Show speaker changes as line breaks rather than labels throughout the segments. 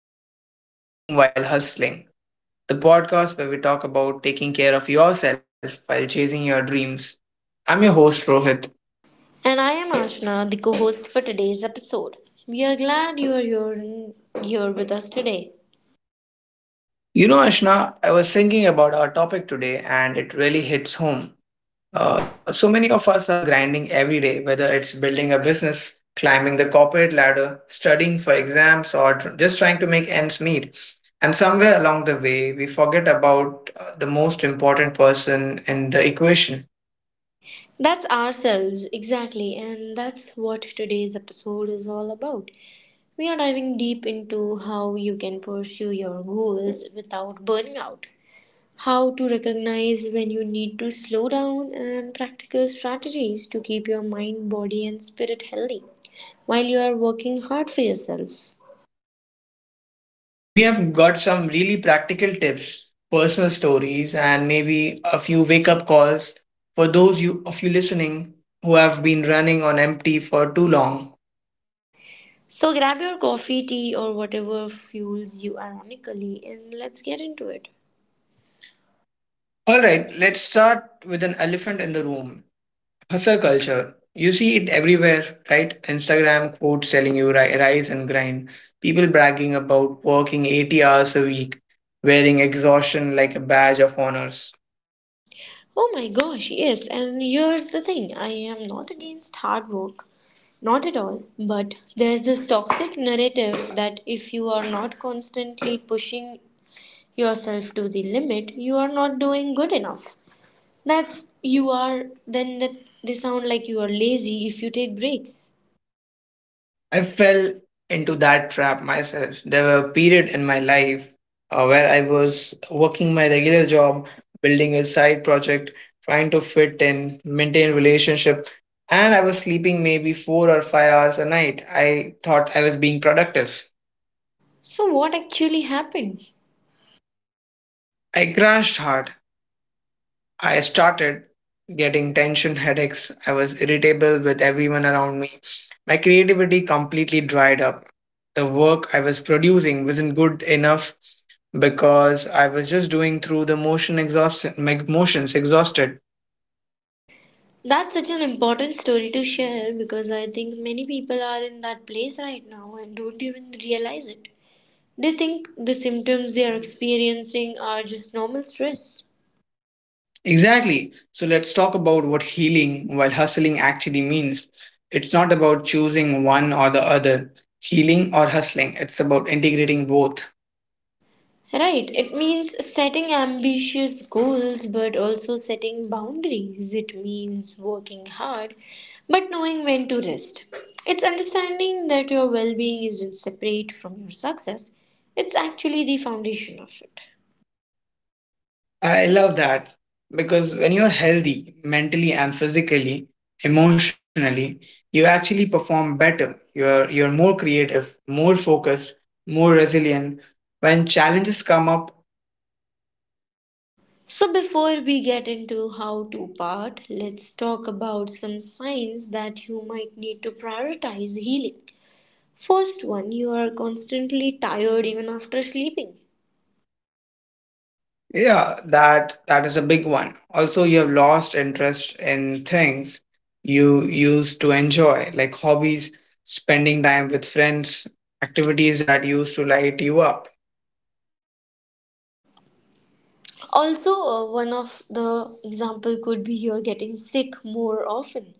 episode of Healing While Hustling, the podcast where we talk about taking care of yourself while chasing your dreams. I'm your host Rohit.
And I am Ashna, the co host for today's episode. We are glad you are here with us today.
You know, Ashna, I was thinking about our topic today and it really hits home. So many of us are grinding every day, whether it's building a business, climbing the corporate ladder, studying for exams, or just trying to make ends meet. And somewhere along the way, we forget about the most important person in the equation.
That's ourselves, exactly, and that's what today's episode is all about. We are diving deep into how you can pursue your goals without burning out, how to recognize when you need to slow down, and practical strategies to keep your mind, body, and spirit healthy while you are working hard for yourself.
We have got some really practical tips, personal stories, and maybe a few wake up calls for of you listening who have been running on empty for too long.
So grab your coffee, tea, or whatever fuels you ironically, and let's get into it.
All right, let's start with an elephant in the room, hustle culture. You see it everywhere, right? Instagram quotes telling you rise and grind, people bragging about working 80 hours a week, wearing exhaustion like a badge of honors.
Oh my gosh, yes, and here's the thing, I am not against hard work, not at all, but there's this toxic narrative that if you are not constantly pushing yourself to the limit, you are not doing good enough. That's you are, then that they sound like you are lazy if you take breaks.
I fell into that trap myself. There were a period in my life where I was working my regular job, building a side project, trying to fit in, maintain relationship, and I was sleeping maybe 4 or 5 hours a night. I thought I was being productive.
So, what actually happened?
I crashed hard. I started getting tension headaches. I was irritable with everyone around me. My creativity completely dried up. The work I was producing wasn't good enough because I was just doing through the motion exhaustion, my motions exhausted.
That's such an important story to share because I think many people are in that place right now and don't even realize it. They think the symptoms they are experiencing are just normal stress.
Exactly. So let's talk about what healing while hustling actually means. It's not about choosing one or the other, healing or hustling. It's about integrating both.
Right, it means setting ambitious goals but also setting boundaries. It means working hard but knowing when to rest. It's understanding that your well being isn't separate from your success, it's actually the foundation of it.
I love that, because when you're healthy mentally and physically, emotionally, you actually perform better. You're more creative, more focused, more resilient. When challenges come up,
So, before we get into how to part, let's talk about some signs that you might need to prioritize healing. First one, you are constantly tired even after sleeping.
yeah, that is a big one. Also, you have lost interest in things you used to enjoy, like hobbies, spending time with friends, activities that used to light you up.
Also, one of the example could be you're getting sick more often.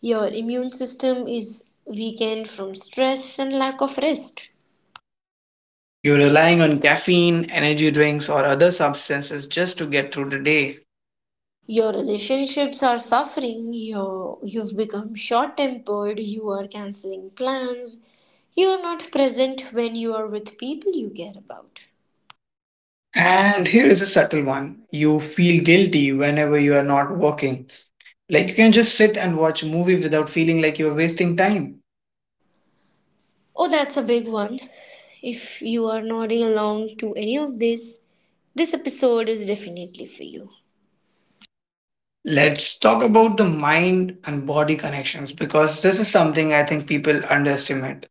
Your immune system is weakened from stress and lack of rest.
You're relying on caffeine, energy drinks, or other substances just to get through the day.
Your relationships are suffering. You've become short tempered. You are canceling plans. You are not present when you are with people you care about.
And here is a subtle one, you feel guilty whenever you are not working. Like you can just sit and watch a movie without feeling like you're wasting time.
Oh, that's a big one. If you are nodding along to any of this, this episode is definitely for you.
Let's talk about the mind and body connections, because this is something I think people underestimate.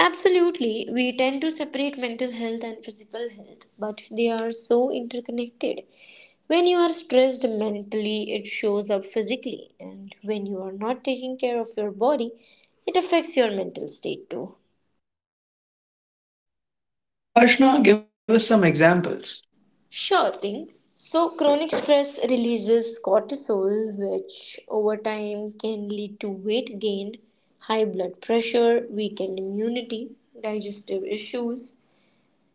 Absolutely, we tend to separate mental health and physical health, but they are so interconnected. When you are stressed mentally, it shows up physically, and when you are not taking care of your body, it affects your mental state too.
Ashna, give us some examples.
Sure thing. So, chronic stress releases cortisol, which over time can lead to weight gain, high blood pressure, weakened immunity, digestive issues.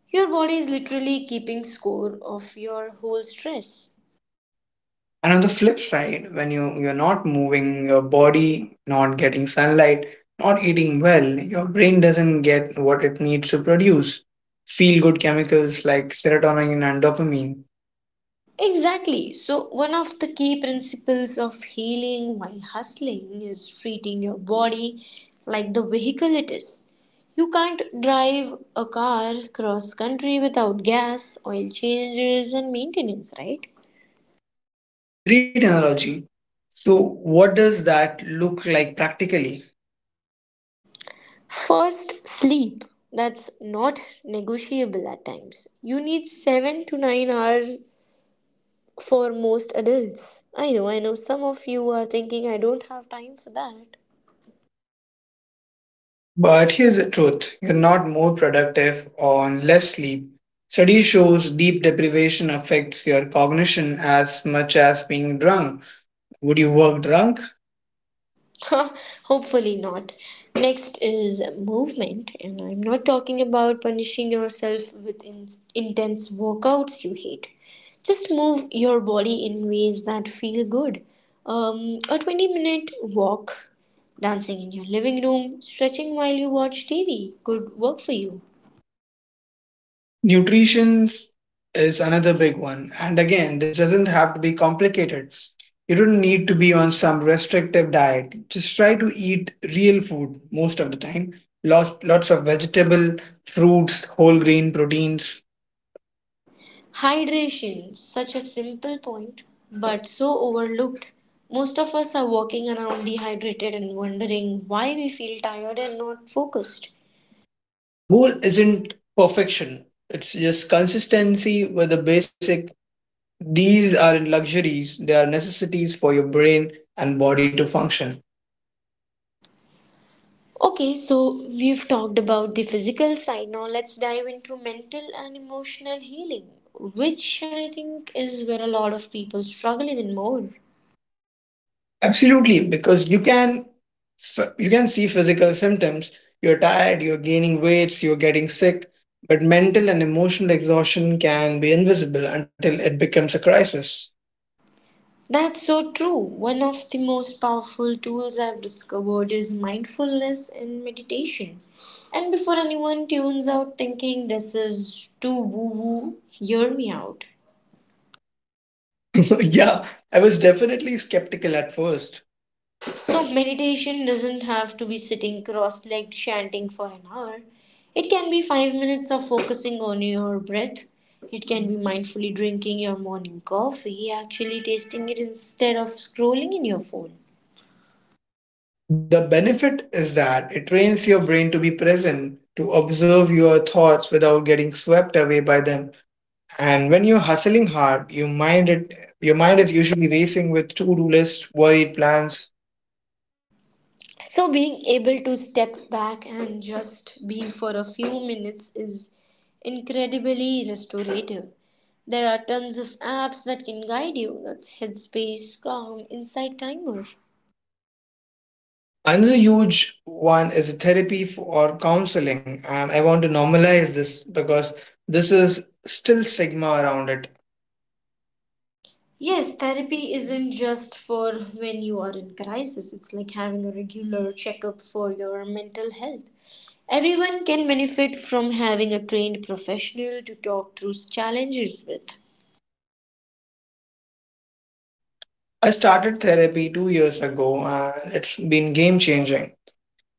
Your body is literally keeping score of your whole stress.
And on the flip side, when you're not moving your body, not getting sunlight, not eating well, your brain doesn't get what it needs to produce feel good chemicals like serotonin and dopamine.
Exactly. So, one of the key principles of healing while hustling is treating your body like the vehicle it is. You can't drive a car cross country without gas, oil changes, and maintenance, right?
Great analogy. So, what does that look like practically?
First, sleep. That's not negotiable at times. You need 7 to 9 hours for most adults. I know some of you are thinking I don't have time for that.
But here's the truth, you're not more productive on less sleep. Study shows deep deprivation affects your cognition as much as being drunk. Would you work drunk?
Hopefully not. Next is movement, and I'm not talking about punishing yourself with intense workouts you hate. Just move your body in ways that feel good. A 20-minute walk, dancing in your living room, stretching while you watch TV could work for you.
Nutrition is another big one. And again, this doesn't have to be complicated. You don't need to be on some restrictive diet. Just try to eat real food most of the time. Lots of vegetable, fruits, whole grain proteins.
Hydration, such a simple point, but so overlooked. Most of us are walking around dehydrated and wondering why we feel tired and not focused.
The goal isn't perfection. It's just consistency with the basic. These are luxuries. They are necessities for your brain and body to function.
Okay, so we've talked about the physical side. Now let's dive into mental and emotional healing, which I think is where a lot of people struggle even more.
Absolutely, because you can you can see physical symptoms. You're tired, you're gaining weights, you're getting sick, but mental and emotional exhaustion can be invisible until it becomes a crisis.
That's so true. One of the most powerful tools I've discovered is mindfulness and meditation. And before anyone tunes out thinking this is too woo woo, hear me out.
Yeah, I was definitely skeptical at first.
So, meditation doesn't have to be sitting cross legged chanting for an hour. It can be 5 minutes of focusing on your breath. It can be mindfully drinking your morning coffee, actually tasting it instead of scrolling in your phone.
The benefit is that it trains your brain to be present, to observe your thoughts without getting swept away by them. And when you're hustling hard, your mind is usually racing with to-do lists, worried plans.
So being able to step back and just be for a few minutes is incredibly restorative. There are tons of apps that can guide you. That's Headspace, Calm, Insight Timer.
Another huge one is therapy for, or counseling, and I want to normalize this because this is still stigma around it.
Yes, therapy isn't just for when you are in crisis. It's like having a regular checkup for your mental health. Everyone can benefit from having a trained professional to talk through challenges with.
I started therapy 2 years ago, and it's been game changing.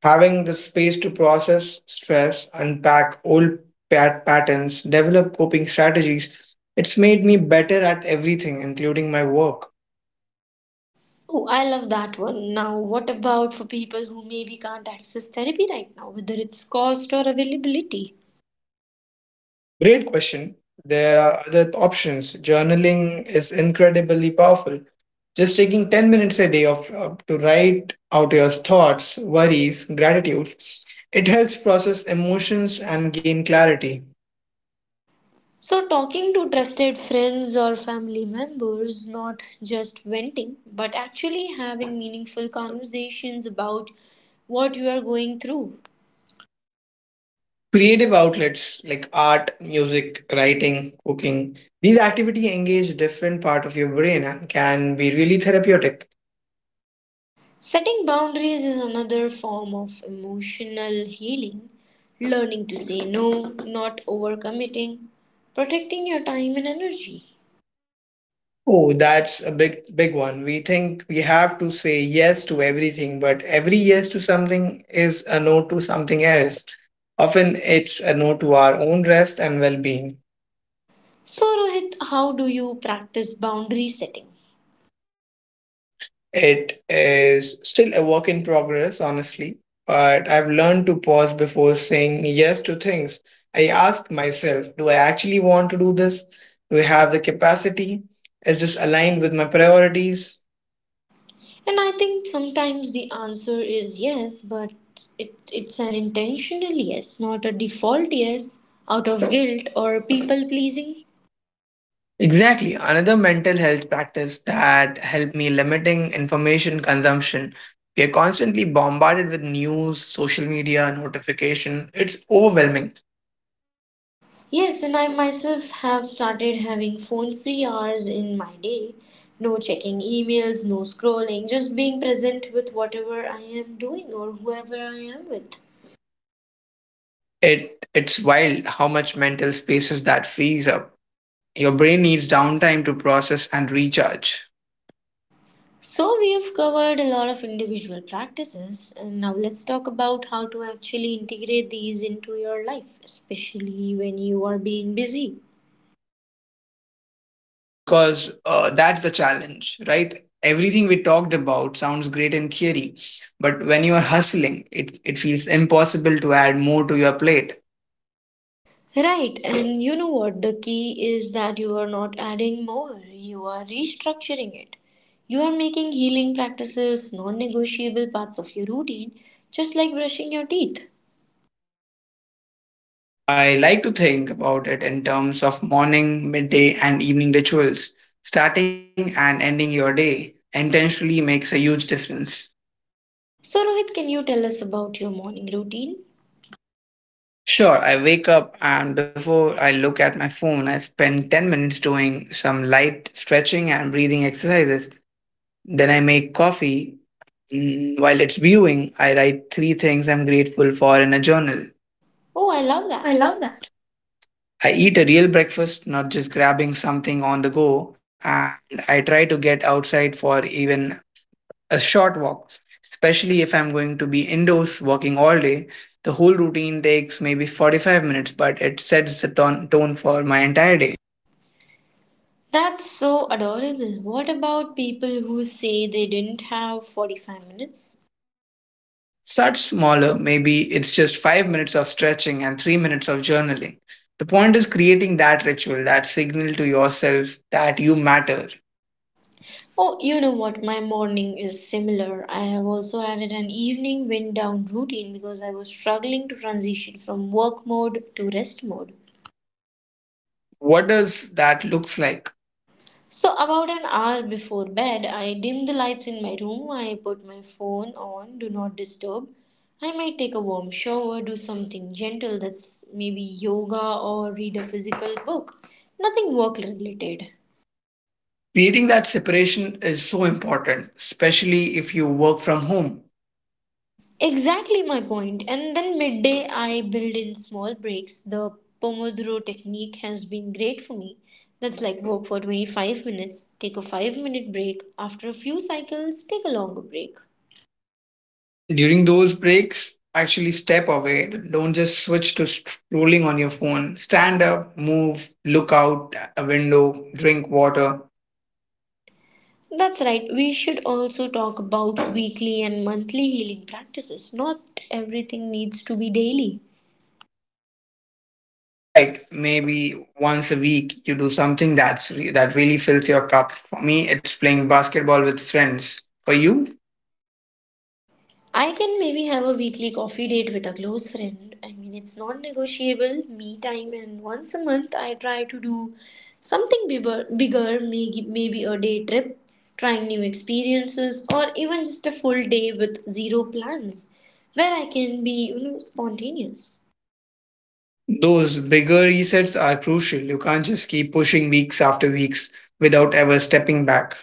Having the space to process stress, unpack old patterns, develop coping strategies, it's made me better at everything, including my work.
Oh, I love that one. Now, what about for people who maybe can't access therapy right now, whether it's cost or availability?
Great question. There are other options. Journaling is incredibly powerful. Just taking 10 minutes a day to write out your thoughts, worries, gratitudes, it helps process emotions and gain clarity.
So, talking to trusted friends or family members, not just venting, but actually having meaningful conversations about what you are going through.
Creative outlets like art, music, writing, cooking, these activities engage different part of your brain and can be really therapeutic.
Setting boundaries is another form of emotional healing, learning to say no, not overcommitting, protecting your time and energy.
Oh, that's a big one. We think we have to say yes to everything, but every yes to something is a no to something else. Often it's a no to our own rest and well being.
So, Rohit, how do you practice boundary setting?
It is still a work in progress, honestly, but I've learned to pause before saying yes to things. I ask myself, do I actually want to do this? Do I have the capacity? Is this aligned with my priorities?
And I think sometimes the answer is yes, but it's an intentional yes, not a default yes out of guilt or people pleasing.
Exactly. Another mental health practice that helped me limiting information consumption. We are constantly bombarded with news, social media, notification. It's overwhelming.
Yes, and I myself have started having phone free hours in my day. No checking emails, no scrolling, just being present with whatever I am doing or whoever I am with.
It's wild how much mental spaces that frees up. Your brain needs downtime to process and recharge,
So, we've covered a lot of individual practices, and now let's talk about how to actually integrate these into your life, especially when you are being busy.
because that's the challenge, right? Everything we talked about sounds great in theory, but when you are hustling, it feels impossible to add more to your plate.
Right, and you know what? The key is that you are not adding more, you are restructuring it. You are making healing practices non negotiable parts of your routine, just like brushing your teeth.
I like to think about it in terms of morning, midday, and evening rituals. Starting and ending your day intentionally makes a huge difference.
So, Rohit, can you tell us about your morning routine?
Sure, I wake up and before I look at my phone, I spend 10 minutes doing some light stretching and breathing exercises. Then I make coffee. While it's brewing, I write three things I'm grateful for in a journal.
Oh, I love
I
that.
love that. I eat a real breakfast, not just grabbing something on the go, and I try to get outside for even a short walk, especially if I'm going to be indoors working all day. The whole routine takes maybe 45 minutes, but it sets the tone for my entire day.
That's so adorable. What about people who say they didn't have 45 minutes?
Such smaller, maybe it's just 5 minutes of stretching and 3 minutes of journaling. The point is creating that ritual, that signal to yourself that you matter.
Oh, you know what? My morning is similar. I have also added an evening wind down routine because I was struggling to transition from work mode to rest mode.
What does that looks like?
So, about an hour before bed, I dim the lights in my room. I put my phone on, do not disturb. I might take a warm shower, do something gentle, that's maybe yoga or read a physical book. Nothing work related.
Creating that separation is so important, especially if you work from home.
Exactly my point. And then midday, I build in small breaks. The Pomodoro technique has been great for me. That's like work for 25 minutes, take a 5-minute break, after a few cycles, take a longer break.
During those breaks, actually step away. Don't just switch to scrolling on your phone. Stand up, move, look out a window, drink water.
That's right, we should also talk about weekly and monthly healing practices. Not everything needs to be daily.
Right, maybe once a week you do something that really fills your cup. For me, it's playing basketball with friends. For you,
I can maybe have a weekly coffee date with a close friend. I mean, it's non negotiable, me time, and once a month I try to do something bigger, bigger maybe a day trip, trying new experiences, or even just a full day with zero plans where I can be, you know, spontaneous.
those bigger resets are crucial. You can't just keep pushing weeks after weeks without ever stepping back.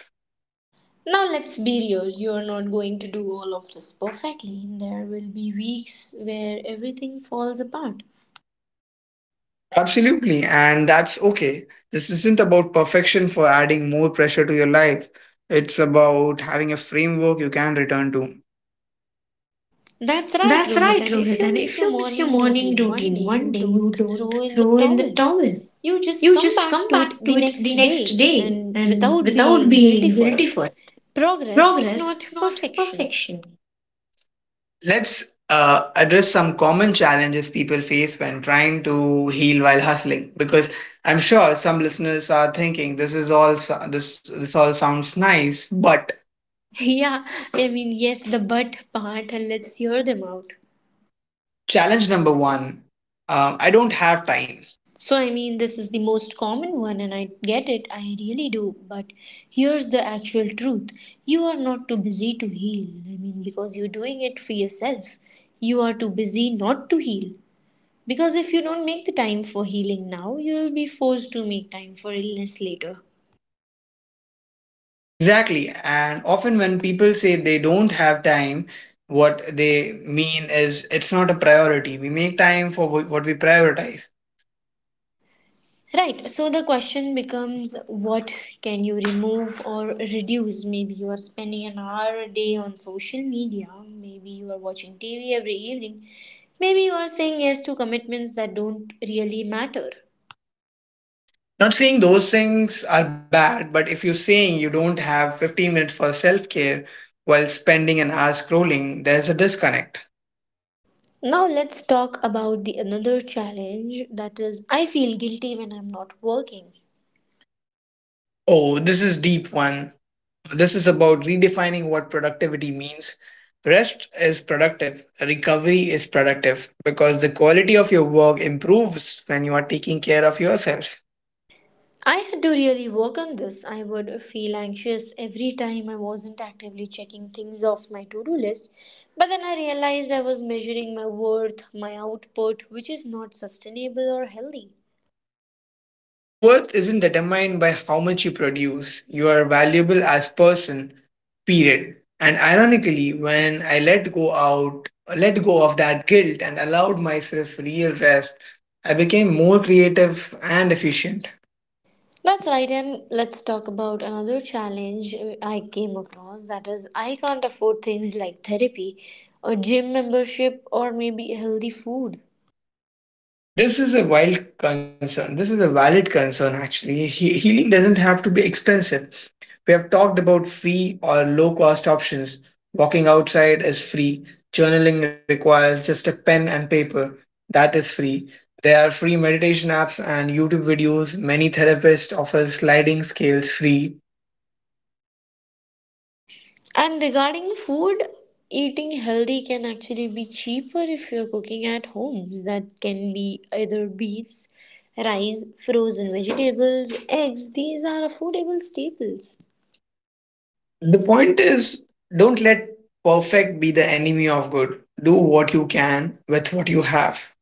Now, let's be real, you're not going to do all of this perfectly. There will be weeks where everything falls apart.
Absolutely, and that's okay. This isn't about perfection for adding more pressure to your life. It's about having a framework you can return to.
That's right,
That's right,
Rohit. And
Rohit.
if
And
you
if
miss your
you miss your
morning
morning
routine one day,
routine one
you
day, you
don't
don't
throw in the
throw in the
towel.
towel.
You just
You
come
just
back
come
to
back
it
to
the
it the
next
next
day
day
and
and
without
without
being guilty
being
for
guilty
it.
for it.
Progress, not
Progress, not
perfection.
perfection. Let's address some common challenges people face when trying to heal while hustling, because I'm sure some listeners are thinking this is all this all sounds nice, but
Yeah, I mean, yes, the but part, and let's hear them out.
challenge number one, I don't have time.
So, I mean, this is the most common one, and I get it, I really do. But here's the actual truth, you are not too busy to heal. I mean, because you're doing it for yourself, you are too busy not to heal. Because if you don't make the time for healing now, you'll be forced to make time for illness later.
Exactly, and often when people say they don't have time, what they mean is it's not a priority. We make time for what we prioritize.
Right, so the question becomes what can you remove or reduce? Maybe you are spending an hour a day on social media, maybe you are watching TV every evening, maybe you are saying yes to commitments that don't really matter.
Not saying those things are bad, but if you're saying you don't have 15 minutes for self care while spending an hour scrolling, there's a disconnect.
Now let's talk about the another challenge that is I feel guilty when I'm not working.
Oh, this is deep one. This is about redefining what productivity means. Rest is productive, recovery is productive because the quality of your work improves when you are taking care of yourself.
I had to really work on this. I would feel anxious every time I wasn't actively checking things off my to do list. But then I realized I was measuring my worth, my output, which is not sustainable or healthy.
Your worth isn't determined by how much you produce. You are valuable as person, period. And ironically, when I let go out, let go of that guilt and allowed myself real rest, I became more creative and efficient.
That's right, and let's talk about another challenge, I came across that is, I can't afford things like therapy, a gym membership, or maybe healthy food.
This is a wild concern. This is a valid concern actually. Healing doesn't have to be expensive. We have talked about free or low cost options. Walking outside is free. Journaling requires just a pen and paper. That is free. There are free meditation apps and YouTube videos. Many therapists offer sliding scales free.
And regarding food, eating healthy can actually be cheaper if you're cooking at homes. That can be either beans, rice, frozen vegetables, eggs. These are affordable staples.
The point is don't let perfect be the enemy of good. Do what you can with what you have.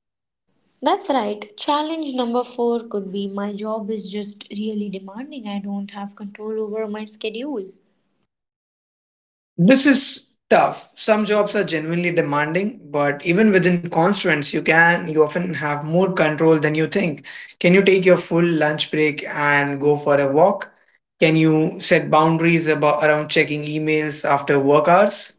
That's right. Challenge number four could be my job is just really demanding. I don't have control over my schedule.
This is tough. Some jobs are genuinely demanding, but even within constraints, you often have more control than you think. Can you take your full lunch break and go for a walk? Can you set boundaries about around checking emails after work hours?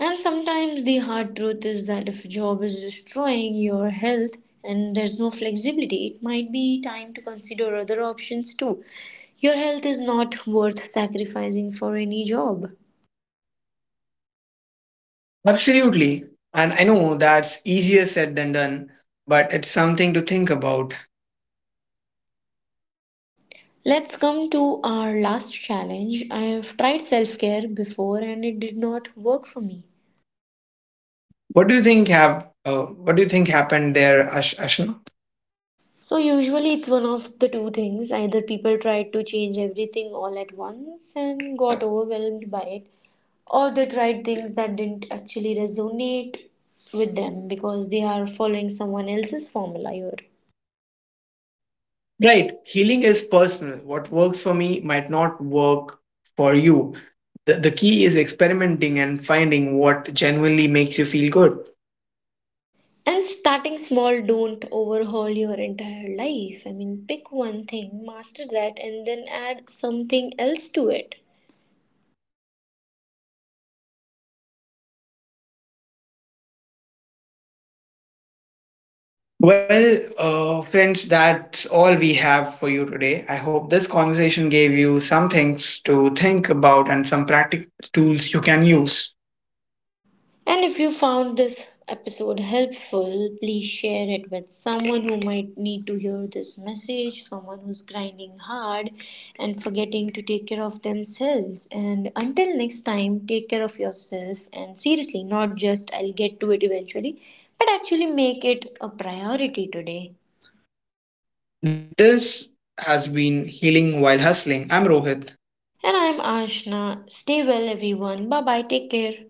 And sometimes the hard truth is that if a job is destroying your health and there's no flexibility, it might be time to consider other options too. Your health is not worth sacrificing for any job.
Absolutely. And I know that's easier said than done, but it's something to think about.
Let's come to our last challenge. I have tried self care before and it did not work for me.
What do you think have what do you think happened there, Ashna?
So, usually it's one of the two things. Either people tried to change everything all at once and got overwhelmed by it, or they tried things that didn't actually resonate with them because they are following someone else's formula here.
Right. Healing is personal. What works for me might not work for you. The key is experimenting and finding what genuinely makes you feel good.
And starting small, don't overhaul your entire life. I mean, pick one thing, master that, and then add something else to it.
Well, friends, that's all we have for you today. I hope this conversation gave you some things to think about and some practical tools you can use.
And if you found this episode helpful, please share it with someone who might need to hear this message, someone who's grinding hard and forgetting to take care of themselves. And until next time, take care of yourself, and seriously, not just I'll get to it eventually, but actually make it a priority today.
This has been Healing While Hustling. I'm Rohit.
And I'm Ashna. Stay well, everyone. Bye bye. Take care.